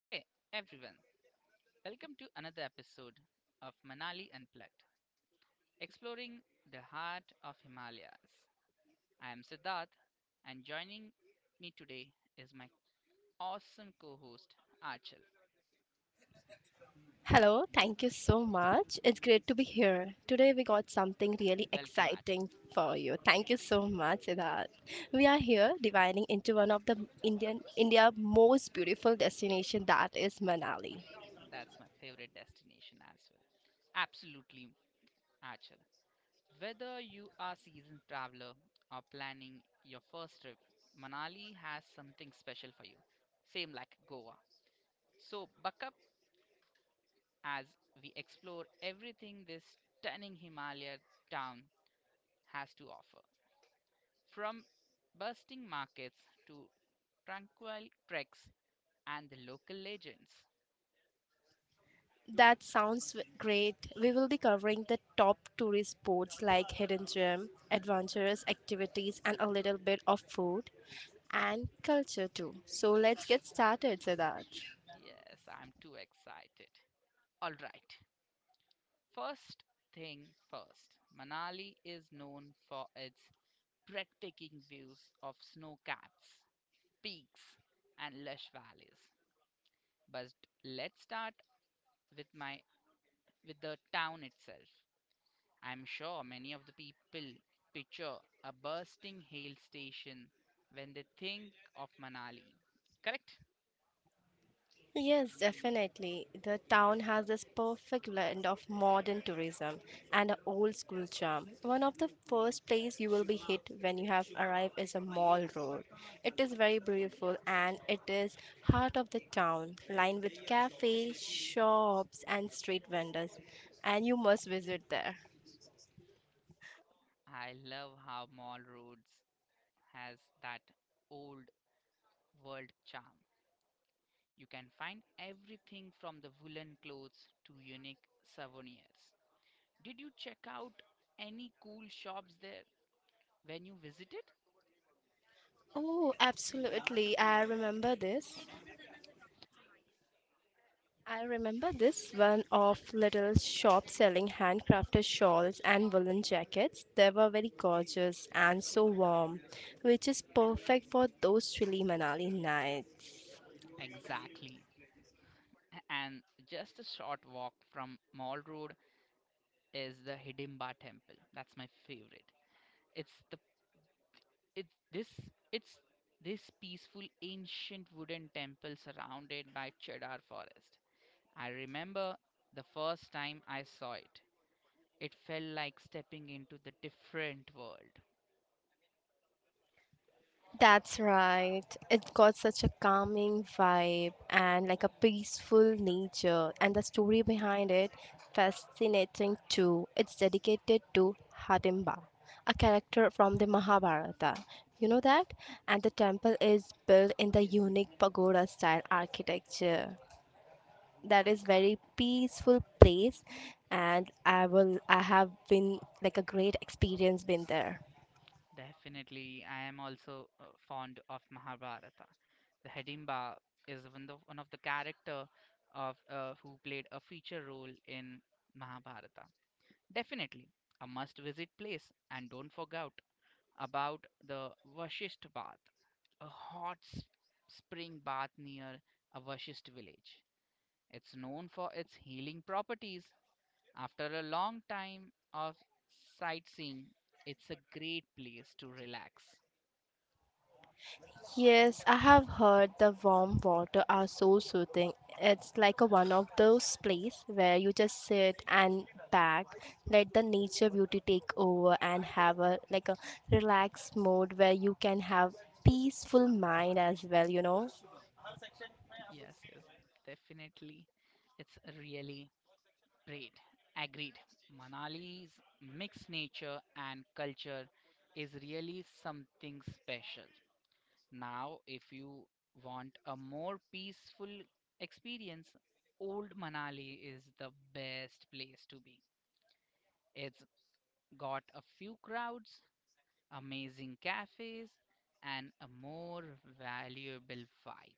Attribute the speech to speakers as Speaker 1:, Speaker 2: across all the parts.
Speaker 1: Hey everyone, welcome to another episode of Manali Unplugged, exploring the heart of Himalayas. I am Siddharth, and joining me today is my awesome co host Achal.
Speaker 2: Hello, thank you so much. It's great to be here. Today we got something really
Speaker 1: Welcome, Achal.
Speaker 2: exciting for you. Thank you so much, Siddharth. We are
Speaker 1: Thanks.
Speaker 2: here dividing into one of the India most beautiful destination that is Manali.
Speaker 1: That's my favorite destination as well. Absolutely, Achal. Whether you are seasoned traveler or planning your first trip, Manali has something special for you, same like Goa. So, buck up as we explore everything this stunning Himalaya town has to offer. From bustling markets to tranquil treks and the local legends.
Speaker 2: That sounds great. We will be covering the top tourist spots like hidden gem, adventurous activities and a little bit of food and culture too. So let's get started, Siddharth.
Speaker 1: Yes, I'm too excited. All right, first thing first, Manali is known for its breathtaking views of snow capped peaks, and lush valleys. But let's start with my with the town itself. I'm sure many of the people picture a bursting hail station when they think of Manali. Correct?
Speaker 2: Yes, definitely. The town has this perfect blend of modern tourism and an old school charm. One of the first place you will be hit when you have arrived is a Mall Road. It is very beautiful and it is heart of the town, lined with cafes, shops and street vendors. And you must visit there.
Speaker 1: I love how Mall Roads has that old world charm. You can find everything from the woolen clothes to unique souvenirs. Did you check out any cool shops there when you visited?
Speaker 2: Oh, absolutely. I remember this one of little shop selling handcrafted shawls and woolen jackets. They were very gorgeous and so warm, which is perfect for those chilly Manali nights.
Speaker 1: Exactly. And just a short walk from Mall Road is the Hidimba Temple. That's my favorite. It's the it's this it's this peaceful ancient wooden temple surrounded by cedar forest. I remember the first time I saw it. It felt like stepping into the different world.
Speaker 2: That's right. It got such a calming vibe and like a peaceful nature, and the story behind it fascinating too. It's dedicated to Hatimba, a character from the Mahabharata. You know that? And the temple is built in the unique pagoda style architecture. That is very peaceful place and I have been like a great experience been there.
Speaker 1: Definitely, I am also fond of Mahabharata. The Hidimba is one of the character of who played a feature role in Mahabharata. Definitely a must visit place and don't forget about the Vashisht Bath, a hot spring bath near a Vashisht village. It's known for its healing properties. After a long time of sightseeing, it's a great place to relax.
Speaker 2: Yes, I have heard the warm water are so soothing. It's like a one of those place where you just sit and back, let the nature beauty take over and have a like a relaxed mode where you can have peaceful mind as well.
Speaker 1: Yes, yes, definitely. It's really great. Agreed. Manali's mixed nature and culture is really something special. Now, if you want a more peaceful experience, Old Manali is the best place to be. It's got a few crowds, amazing cafes, and a more valuable vibe.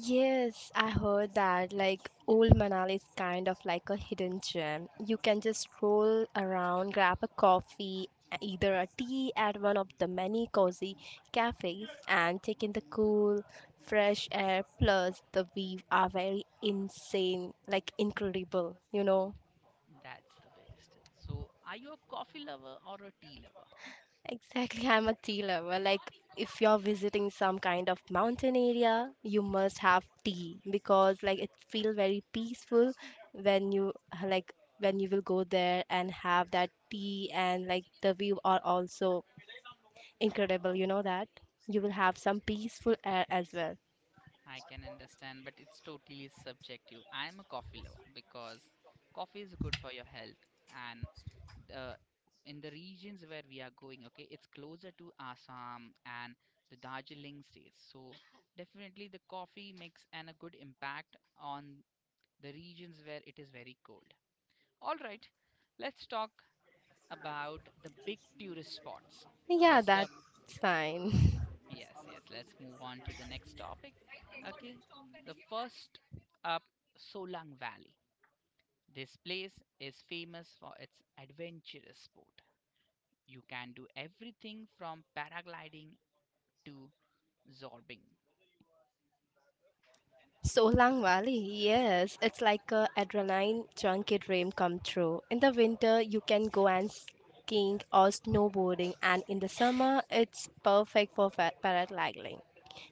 Speaker 2: Yes, I heard that. Like, old Manali is kind of like a hidden gem. You can just stroll around, grab a coffee, either a tea at one of the many cozy cafes, and take in the cool, fresh air. Plus, the views are very insane, like, incredible, you know?
Speaker 1: That's the best. So, are you a coffee lover or a tea lover?
Speaker 2: Exactly. I'm a tea lover. Like, if you're visiting some kind of mountain area, you must have tea because, like, it feels very peaceful when you like when you will go there and have that tea and like the view are also incredible. You know that you will have some peaceful air as well.
Speaker 1: I can understand, but it's totally subjective. I'm a coffee lover because coffee is good for your health and uh, in the regions where we are going, okay, it's closer to Assam and the Darjeeling states. So definitely the coffee makes and a good impact on the regions where it is very cold. All right, let's talk about the big tourist spots.
Speaker 2: Yeah,
Speaker 1: First
Speaker 2: that's
Speaker 1: up,
Speaker 2: fine.
Speaker 1: yes, yes, let's move on to the next topic. Okay, the first up, Solang Valley. This place is famous for its adventurous sport. You can do everything from paragliding to zorbing.
Speaker 2: Solang Valley, yes, it's like a adrenaline junkie dream come true. In the winter, you can go and skiing or snowboarding, and in the summer, it's perfect for paragliding.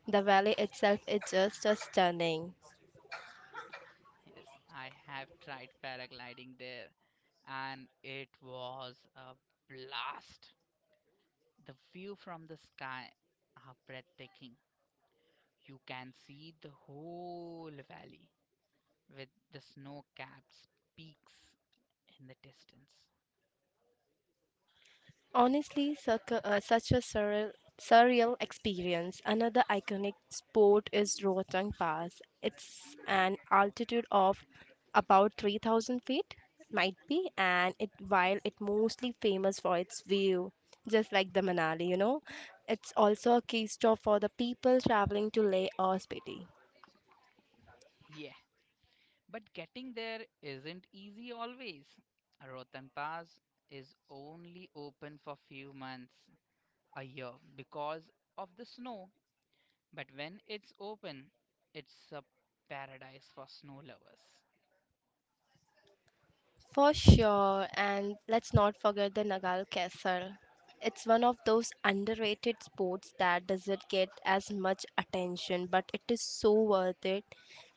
Speaker 2: The valley itself is just stunning.
Speaker 1: Yes, I have tried paragliding there and it was a blast. The view from the sky are breathtaking. You can see the whole valley with the snow capped peaks in the distance.
Speaker 2: Honestly, such a surreal experience. Another iconic sport is Rohtang Pass. It's an altitude of about 3,000 feet, might be, and it while it mostly famous for its view, just like the Manali. It's also a key stop for the people traveling to Leh or Spiti.
Speaker 1: Yeah, but getting there isn't easy always. Rotan Pass is only open for few months a year because of the snow, but when it's open, it's a paradise for snow lovers.
Speaker 2: For sure, and let's not forget the Nagal Castle. It's one of those underrated sports that doesn't get as much attention, but it is so worth it.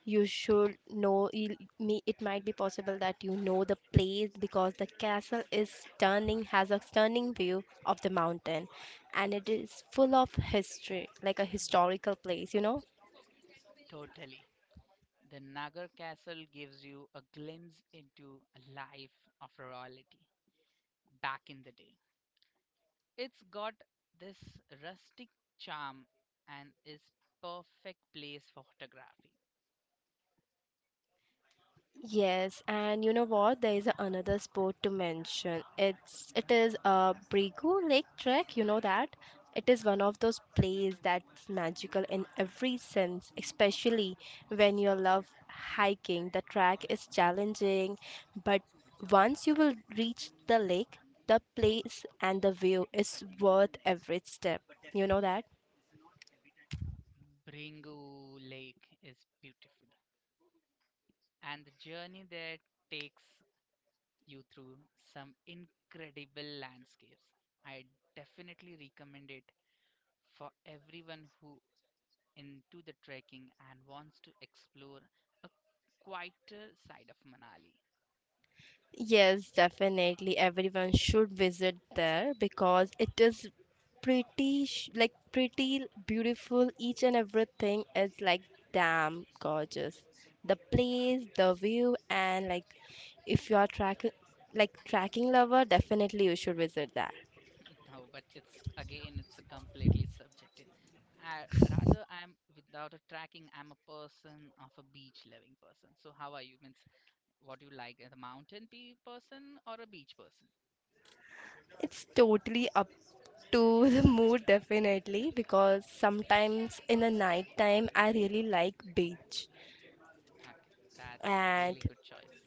Speaker 2: You should know me. It might be possible that you know the place because the castle is stunning, has a stunning view of the mountain, and it is full of history, like a historical place.
Speaker 1: Totally. The Nagar Castle gives you a glimpse into a life of royalty back in the day. It's got this rustic charm and is perfect place for photography.
Speaker 2: Yes, and you know what? There is another sport to mention. It is a Brigu Lake Trek. You know that it is one of those places that's magical in every sense, especially when you love hiking. The track is challenging, but once you will reach the lake, the place and the view is worth every step. You know that?
Speaker 1: Bringu Lake is beautiful, and the journey there takes you through some incredible landscapes. I definitely recommend it for everyone who into the trekking and wants to explore quieter side of Manali.
Speaker 2: Yes, definitely. Everyone should visit there because it is pretty beautiful. Each and everything is like damn gorgeous. The place, the view, and like, if you are tracking, like, tracking lover, definitely you should visit that.
Speaker 1: No, but it's again it's a completely subjective. I, rather, I'm without a tracking. I'm a person of a beach loving person. So how are you? Means what you like, the mountain pe person or a beach person?
Speaker 2: It's totally up to the mood, definitely, because sometimes in the night time, I really like beach
Speaker 1: Okay, that's
Speaker 2: and,
Speaker 1: really good choice.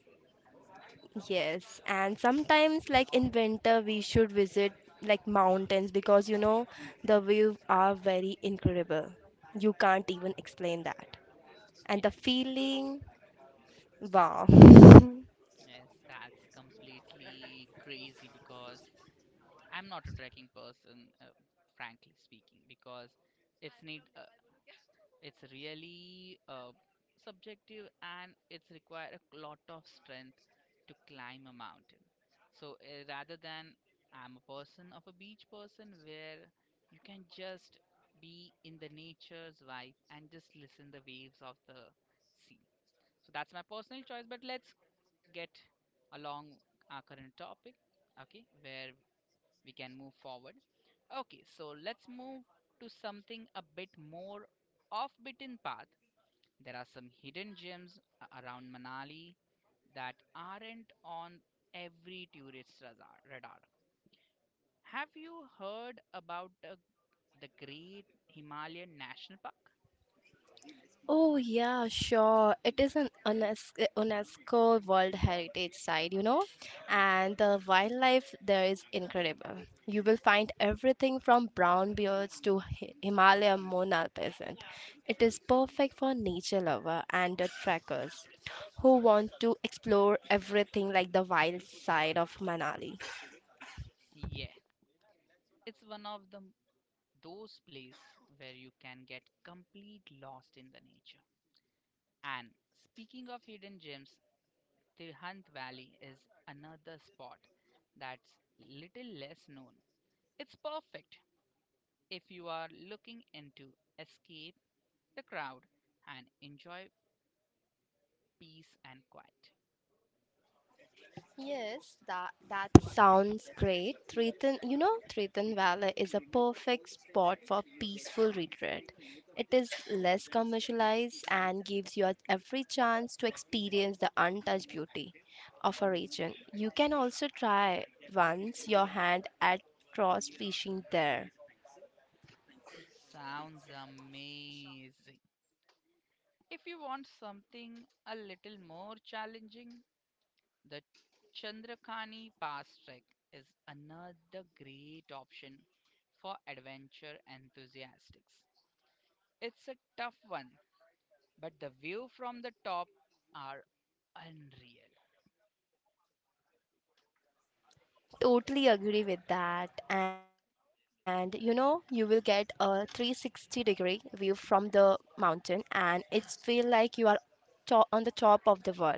Speaker 2: yes, and sometimes, like in winter, we should visit like mountains because you know the views are very incredible. You can't even explain that. And the
Speaker 1: Yes,
Speaker 2: feeling, wow.
Speaker 1: yes, that's completely crazy because I'm not a trekking person, frankly speaking, because it's need. It's really subjective and it's require a lot of strength to climb a mountain. So rather than I'm a person of a beach person where you can just be in the nature's vibe and just listen the waves of the sea. So that's my personal choice. But let's get along our current topic, okay, where we can move forward. Okay, so let's move to something a bit more off-beaten path there are some hidden gems around Manali that aren't on every tourist radar. Have you heard about the Great Himalayan National Park?
Speaker 2: Oh yeah, sure. It is an UNESCO World Heritage Site, and the wildlife there is incredible. You will find everything from brown bears to Himalayan monarch peasant. It is perfect for nature lover and the trekkers who want to explore everything like the wild side of Manali.
Speaker 1: Yeah, it's one of the those places where you can get complete lost in the nature. And speaking of hidden gems, Tirhant Valley is another spot that's little less known. It's perfect if you are looking into escape the crowd, and enjoy peace and quiet.
Speaker 2: Yes, that sounds great. Triton Valley is a perfect spot for peaceful retreat. It is less commercialized and gives you every chance to experience the untouched beauty of a region. You can also try once your hand at cross fishing there.
Speaker 1: Sounds amazing. If you want something a little more challenging, the Chandrakani Pass Trek is another great option for adventure enthusiasts. It's a tough one, but the view from the top are unreal.
Speaker 2: Totally agree with that. And you know, you will get a 360 degree view from the mountain, and it's feel like you are on the top of the world.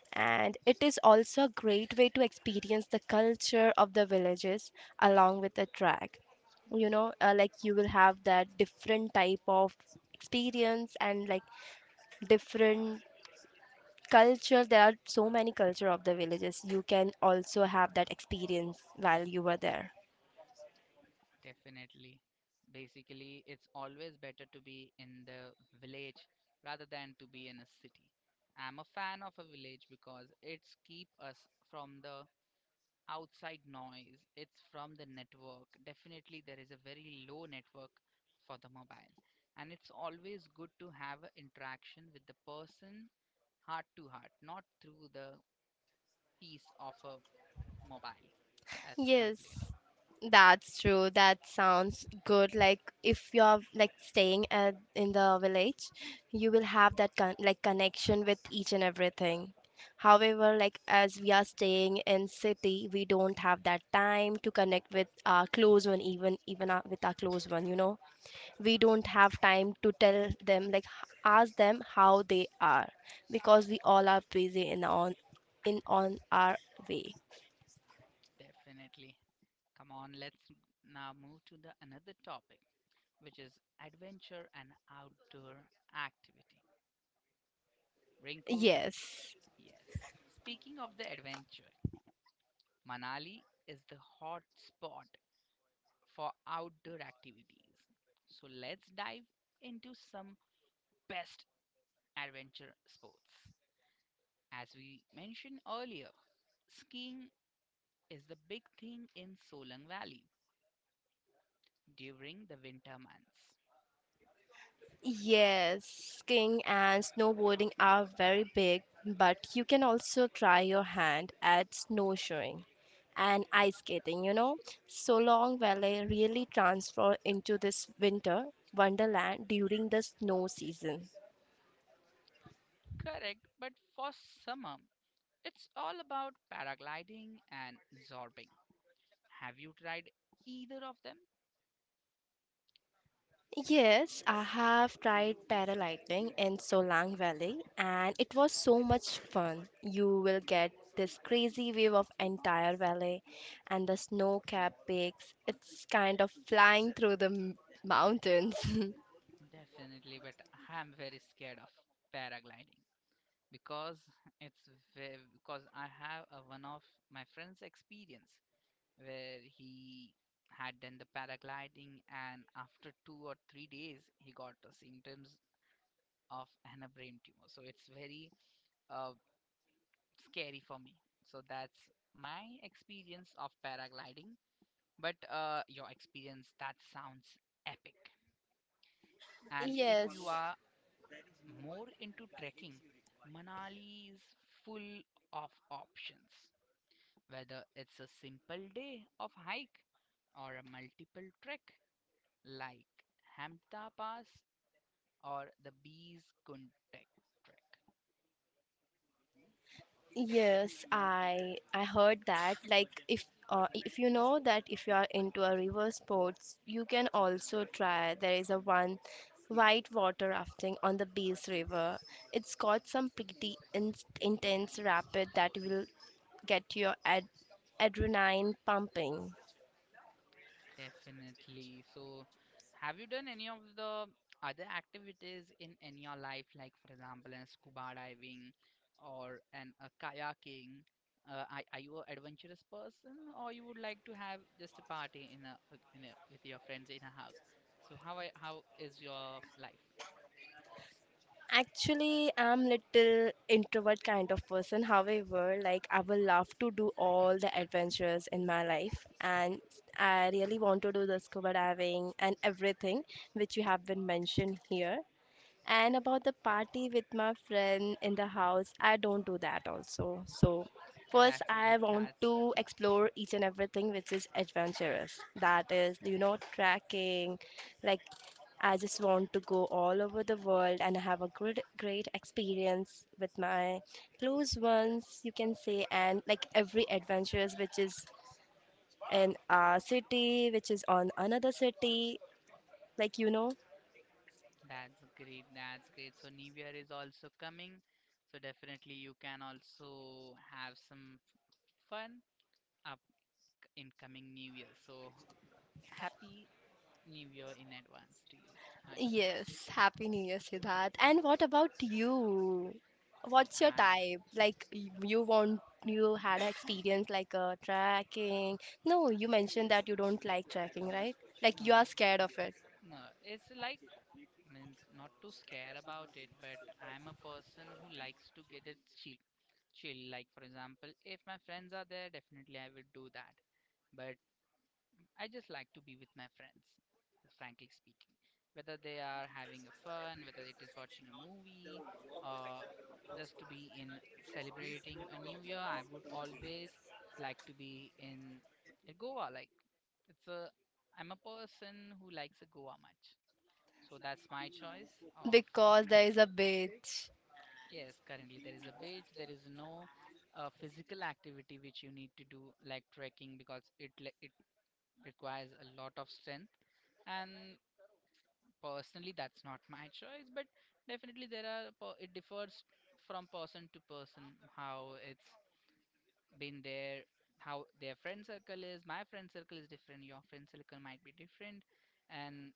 Speaker 2: And it is also a great way to experience the culture of the villages along with the track. You know, like you will have that different type of experience and like different culture there are so many culture of the villages you can also have that experience while you were there.
Speaker 1: Definitely. Basically, it's always better to be in the village rather than to be in a city. I'm a fan of a village because it's keep us from the outside noise. It's from the network. Definitely, there is a very low network for the mobile. And it's always good to have an interaction with the person heart to heart, not through the piece of a mobile. That's
Speaker 2: Yes,
Speaker 1: complete.
Speaker 2: that's true. That sounds good. Like if you're like staying at in the village, you will have that connection with each and everything. However, like as we are staying in city, we don't have that time to connect with our close one, even with our close one. We don't have time to tell them like ask them how they are because we all are busy in on our way.
Speaker 1: Definitely. Come on, let's now move to the another topic, which is adventure and outdoor activity. Rinku,
Speaker 2: Yes.
Speaker 1: yes. Speaking of the adventure, Manali is the hot spot for outdoor activities. So let's dive into some best adventure sports. As we mentioned earlier, skiing is the big thing in Solang Valley during the winter months.
Speaker 2: Yes, skiing and snowboarding are very big, but you can also try your hand at snowshoeing and ice skating. So Long Valley really transforms into this winter wonderland during the snow season.
Speaker 1: Correct, but for summer, it's all about paragliding and zorbing. Have you tried either of them?
Speaker 2: Yes, I have tried paragliding in Solang Valley and it was so much fun. You will get this crazy view of entire valley and the snow-capped peaks. It's kind of flying through the mountains.
Speaker 1: Definitely, but I'm very scared of paragliding because it's because I have a, one of my friend's experience where he had done the paragliding and after 2 or 3 days he got the symptoms of an brain tumor. So it's very uh, scary for me. So that's my experience of paragliding. But your experience, that sounds epic. And if
Speaker 2: Yes.
Speaker 1: you are more into trekking, Manali is full of options. Whether it's a simple day of hike or a multiple trek like Hamta Pass or the Bees Kunt Trek.
Speaker 2: Yes, I heard that. Like if you know that if you are into a river sports, you can also try. There is a one white water rafting on the Bees River. It's got some pretty intense rapid that will get your adrenaline pumping.
Speaker 1: Definitely. So, have you done any of the other activities in your life, like for example, in scuba diving or an a kayaking? Are you an adventurous person, or you would like to have just a party in a with your friends in a house? So, how are, how is your life?
Speaker 2: Actually, I'm little introvert kind of person. However, like I will love to do all the adventures in my life, and I really want to do the scuba diving and everything which you have been mentioned here. And about the party with my friend in the house, I don't do that also. So first,
Speaker 1: That's
Speaker 2: I
Speaker 1: good.
Speaker 2: want
Speaker 1: That's
Speaker 2: to explore each and everything which is adventurous. That is, trekking, like I just want to go all over the world and have a good, great experience with my close ones, you can say, and like every adventures which is in our city, which is on another city, like you know.
Speaker 1: that's great. That's great. So, New Year is also coming. So, definitely you can also have some fun. A In coming new year. So happy new year in advance to you, Achal.
Speaker 2: Yes, happy New Year, Siddharth. And what about you?
Speaker 1: See,
Speaker 2: What's your
Speaker 1: ah,
Speaker 2: type? Like you had an experience like a tracking. No, you mentioned that you don't like tracking, right? Like you
Speaker 1: no,
Speaker 2: are scared of it
Speaker 1: no, it's like means not to scare about it, but I'm a person who likes to get it chill. Chill, like for example, if my friends are there, definitely I will do that. But I just like to be with my friends, frankly speaking. Whether they are having a fun, whether it is watching a movie, or just to be in celebrating a new year, I would always like to be in Goa. Like it's a, I'm a person who likes a Goa much, so that's my choice of.
Speaker 2: because there is a beach.
Speaker 1: Yes, currently there is a beach. There is no physical activity which you need to do like trekking because it requires a lot of strength and personally that's not my choice but definitely there are it differs from person to person how it's been there how their friend circle is my friend circle is different your friend circle might be different and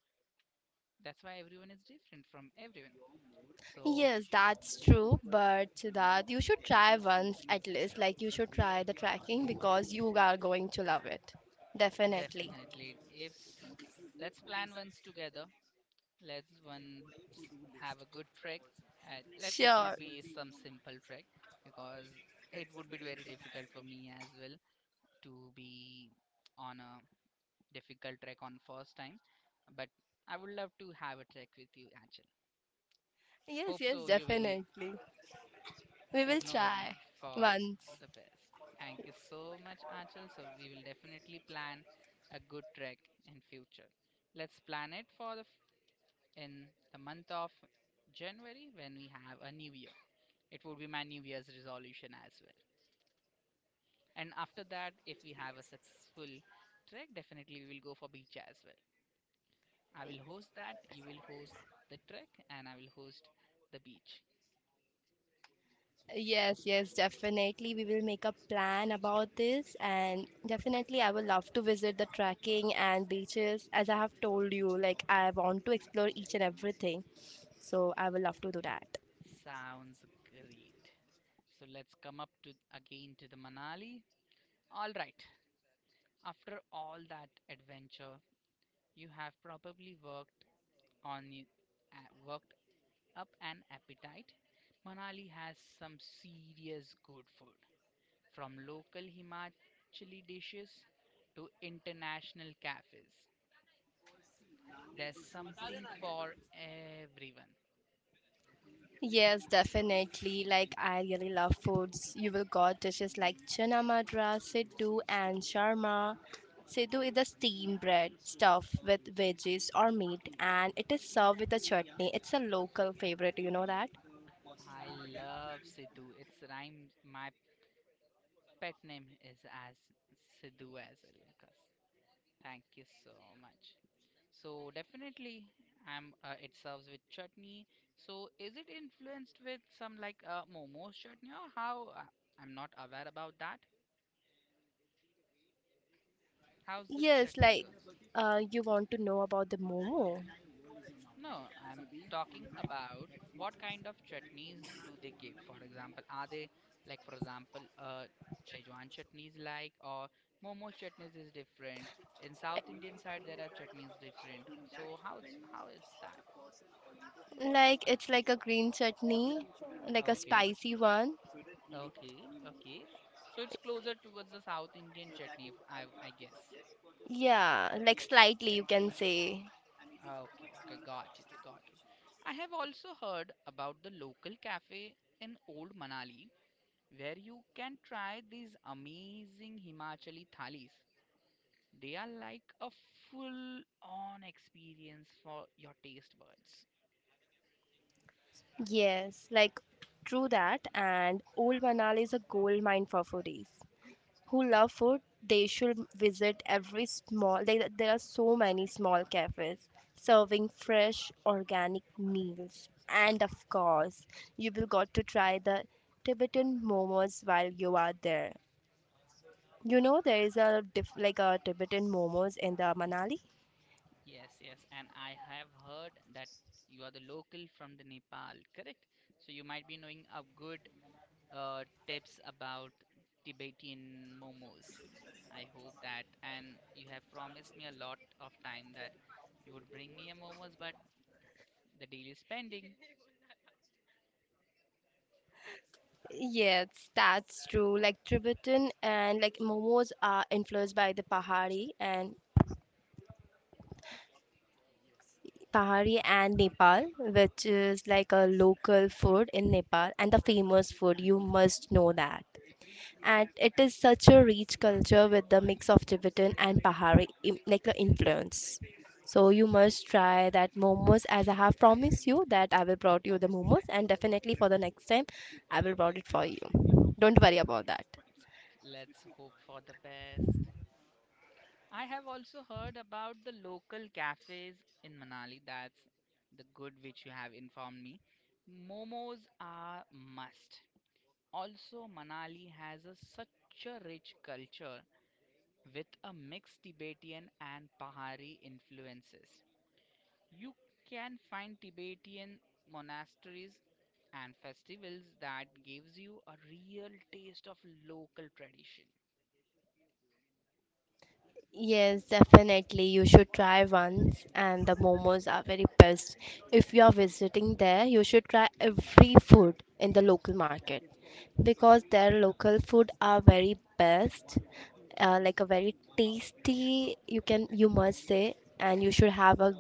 Speaker 1: that's why everyone is different from everyone so
Speaker 2: Yes, that's true. But Siddharth, you should try once at least. Like, you should try the tracking because you are going to love it. Definitely.
Speaker 1: definitely if let's plan once together. Let's s- have a good trek. Let it
Speaker 2: Sure.
Speaker 1: should be some simple trek because it would be very difficult for me as well to be on a difficult trek on first time. But I would love to have a trek with you, Achal.
Speaker 2: Yes,
Speaker 1: Hope
Speaker 2: yes,
Speaker 1: so. You will
Speaker 2: definitely. We will
Speaker 1: ignore me
Speaker 2: try
Speaker 1: for
Speaker 2: once.
Speaker 1: the best. Thank you so much, Achal. So we will definitely plan a good trek in future. Let's plan it for the in the month of January when we have a new year. It would be my new year's resolution as well. And after that, if we have a successful trek, definitely we will go for beach as well. I will host that, you will host the trek, and I will host the beach.
Speaker 2: Yes, yes, definitely. We will make a plan about this, and definitely, I would love to visit the trekking and beaches. As I have told you, like, I want to explore each and everything. So, I would love to do that.
Speaker 1: Sounds great. So let's come up to again to the Manali. All right. After all that adventure, you have probably worked on worked up an appetite, Manali has some serious good food, from local Himachali dishes to international cafes. There's something for everyone.
Speaker 2: Yes, definitely. Like I really love foods. You will got dishes like Chana Madra, Siddu, and Sharma. Siddu is a steamed bread stuffed with veggies or meat, and it is served with a chutney. It's a local favorite. You know that?
Speaker 1: I love Sidhu. It's rhymes. My pet name is as Sidhu as well, Lucas. Thank you so much. So definitely, I'm. It serves with chutney. So is it influenced with some like momos chutney or how? I'm not aware about that. How's the
Speaker 2: Yes,
Speaker 1: chutney
Speaker 2: like
Speaker 1: goes?
Speaker 2: you want to know about the momo?
Speaker 1: No, I'm talking about what kind of chutneys do they give? For example, are they like, for example, Szechuan chutneys like or momo chutneys is different. In South Indian side, there are chutneys different. So how it's that?
Speaker 2: Like it's like a green chutney, like a
Speaker 1: Okay.
Speaker 2: spicy one.
Speaker 1: Okay, okay. So it's closer towards the South Indian chutney, if I guess.
Speaker 2: Yeah, like slightly you can say.
Speaker 1: Okay, okay, got it, got it. I have also heard about the local cafe in Old Manali where you can try these amazing Himachali thalis. They are like a full on experience for your taste buds.
Speaker 2: Yes, like true that. And Old Manali is a gold mine for foodies who love food. They should visit every small. There are so many small cafes serving fresh organic meals, and of course, you will got to try the Tibetan momos while you are there. You know there is a diff, like a Tibetan momos in the Manali.
Speaker 1: Yes, yes, and I have heard that you are the local from the Nepal, correct? So you might be knowing a good tips about Tibetan momos. I hope that, and you have promised me a lot of time that you would bring me a momos, but the deal is pending.
Speaker 2: Yes, that's true. Like Tibetan and like momos are influenced by the Pahari and Nepal, which is like a local food in Nepal and the famous food. You must know that. And it is such a rich culture with the mix of Tibetan and Pahari like the influence. So you must try that momos as I have promised you that I will brought you the momos and definitely for the next time I will brought it for you. Don't worry about that.
Speaker 1: Let's hope for the best. I have also heard about the local cafes in Manali. That's the good which you have informed me. Momos are must. Also, Manali has a, such a rich culture with a mixed Tibetan and Pahari influences. You can find Tibetan monasteries and festivals that gives you a real taste of local tradition.
Speaker 2: Yes, definitely. You should try once, and the momos are very best. If you are visiting there, you should try every food in the local market because their local food are very best, like a very tasty. You must say, and you should have a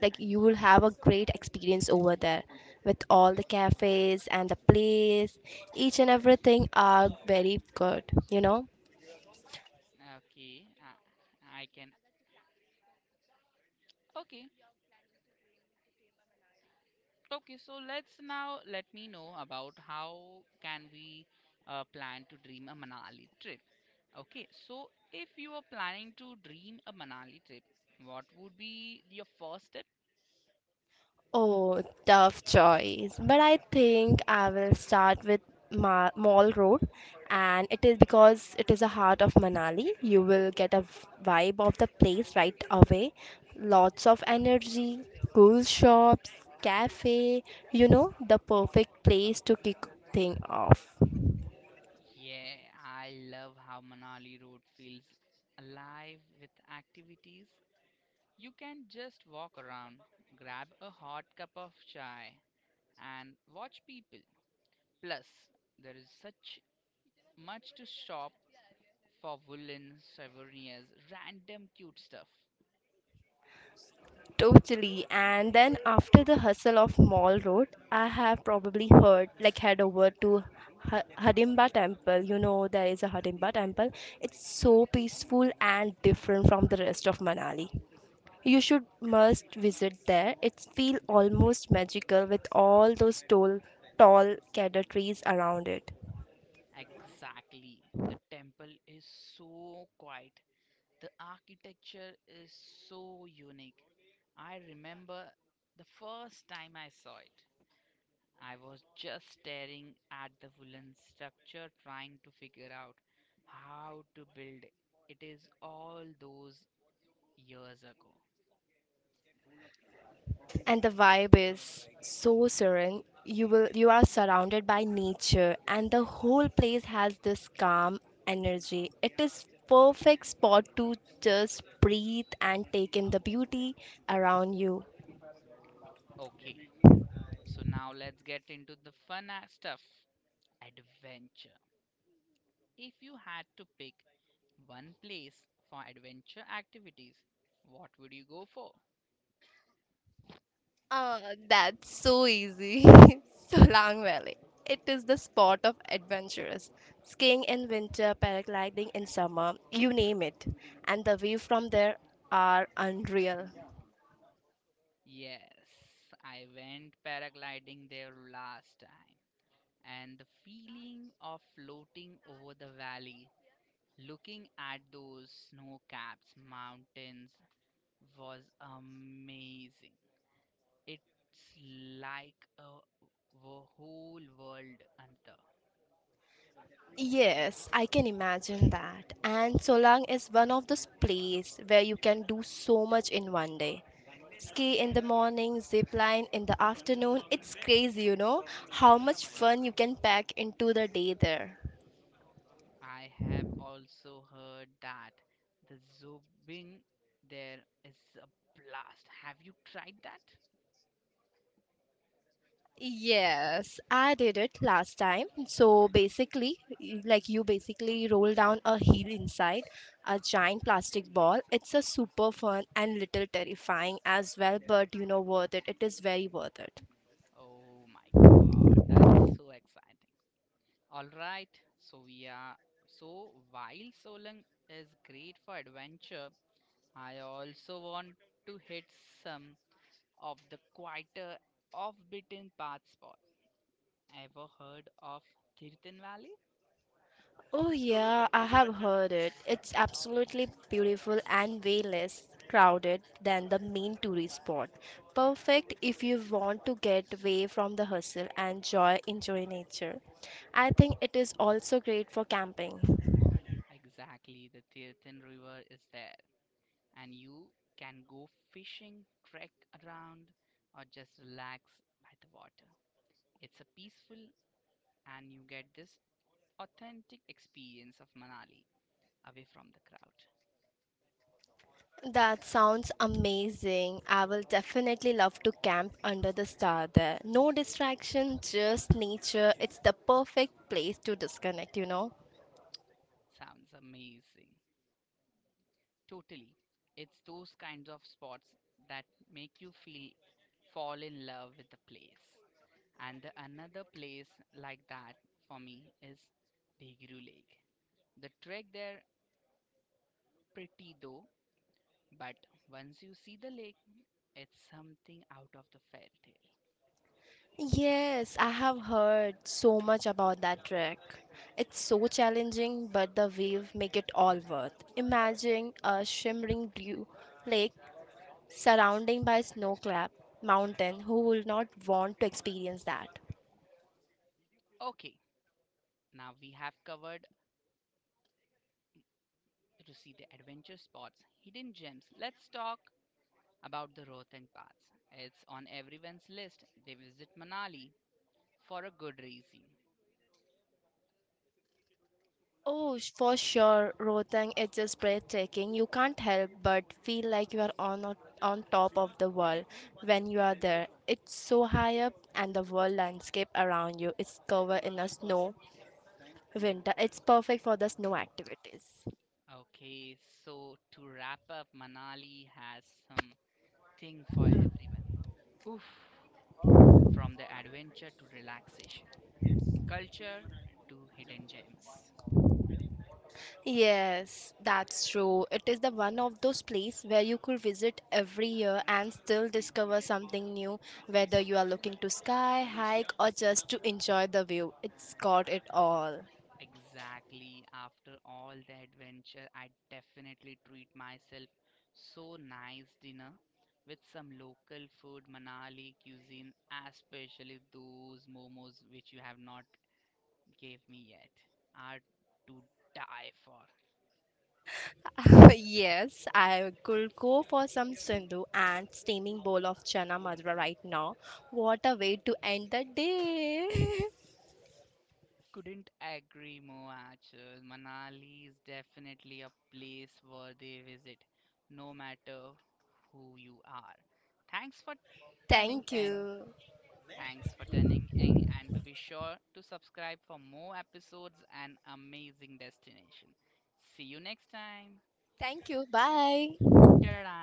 Speaker 2: great experience over there with all the cafes and the place. Each and everything are very good, you know.
Speaker 1: Okay, I can. Okay, okay. So let's now let me know about how can we plan to dream a Manali trip. Okay, so if you are planning to dream a Manali trip, what would be your first step?
Speaker 2: Oh, tough choice. But I think I will start with Mall Road, and it is because it is the heart of Manali. You will get a vibe of the place right away. Lots of energy, cool shops, cafe, you know, the perfect place to kick thing off.
Speaker 1: Yeah, I love how Manali Road feels alive with activities. You can just walk around, grab a hot cup of chai, and watch people. Plus, there is such much to shop for woolen souvenirs, random cute stuff.
Speaker 2: Totally. And then after the hustle of Mall Road, I have probably heard like head over to Hidimba Temple. You know there is a Hidimba Temple. It's so peaceful and different from the rest of Manali. You should must visit there. It's feel almost magical with all those tall cedar trees around it.
Speaker 1: Exactly. The temple is so quiet. The architecture is so unique. I remember the first time I saw it. I was just staring at the wooden structure trying to figure out how to build it. It is all those years ago.
Speaker 2: And the vibe is so serene. You are surrounded by nature, and the whole place has this calm energy. It is perfect spot to just breathe and take in the beauty around you.
Speaker 1: Okay, so now let's get into the fun stuff adventure. If you had to pick one place for adventure activities, what would you go for?
Speaker 2: Ah, that's so easy. Solang Valley. It is the spot of adventurers, skiing in winter, paragliding in summer, you name it, and the view from there are unreal.
Speaker 1: Yes, I went paragliding there last time, and the feeling of floating over the valley. Looking at those snow capped mountains was amazing. It's like a, whole world under.
Speaker 2: Yes, I can imagine that. And Solang is one of those places where you can do so much in one day. Ski in the morning, zip line in the afternoon. It's crazy, you know, how much fun you can pack into the day there.
Speaker 1: I have also heard that the zorbing there is a blast. Have you tried that?
Speaker 2: Yes, I did it last time. So basically, you basically roll down a hill inside a giant plastic ball. It's a super fun and little terrifying as well, but you know, worth it. It is very worth it.
Speaker 1: Oh my god, that's so exciting. Alright, so we are so while Solang is great for adventure, I also want to hit some of the quieter, off-beaten path spot. Ever heard of Tirthan Valley?
Speaker 2: Oh, yeah, I have heard it. It's absolutely beautiful and way less crowded than the main tourist spot. Perfect if you want to get away from the hustle and enjoy nature. I think it is also great for camping.
Speaker 1: Exactly, the Tirthan River is there, and you can go fishing, trek around, or just relax by the water. It's a peaceful, and you get this authentic experience of Manali away from the crowd.
Speaker 2: That sounds amazing. I will definitely love to camp under the star there. No distraction, just nature. It's the perfect place to disconnect, you know.
Speaker 1: Sounds amazing. Totally. It's those kinds of spots that make you feel fall in love with the place. And the another place like that for me is Bhigiru Lake. The trek there pretty though, but once you see the lake, it's something out of the fairy tale.
Speaker 2: Yes, I have heard so much about that trek. It's so challenging, but the wave make it all worth. Imagine a shimmering blue lake surrounding by snow-clad mountain. Who will not want to experience that?
Speaker 1: Okay, now we have covered to see the adventure spots, hidden gems. Let's talk about the Rohtang Pass. It's on everyone's list. They visit Manali for a good reason.
Speaker 2: Oh, for sure, Rohtang is just breathtaking. You can't help but feel like you are on top of the world when you are there. It's so high up, and the world landscape around you is covered in a snow. Winter, it's perfect for the snow activities.
Speaker 1: Okay, so to wrap up, Manali has something for everyone. Oof, from the adventure to relaxation, culture to hidden gems.
Speaker 2: Yes, that's true. It is the one of those places where you could visit every year and still discover something new, whether you are looking to sky, hike, or just to enjoy the view. It's got it all.
Speaker 1: Exactly, after all the adventure, I definitely treat myself so nice dinner with some local food, Manali cuisine, especially those momos which you have not gave me yet, are to die for.
Speaker 2: Yes, I could go for some sindhu and steaming bowl of chana madra right now. What a way to end the day!
Speaker 1: Couldn't agree more, actually. Manali is definitely a place worthy visit, no matter who you are. Thanks for tuning
Speaker 2: Thank
Speaker 1: in.
Speaker 2: you.
Speaker 1: Thanks for tuning in, and to be sure to subscribe for more episodes and amazing destination. See you next time.
Speaker 2: Thank you. Bye.
Speaker 1: Ta-da!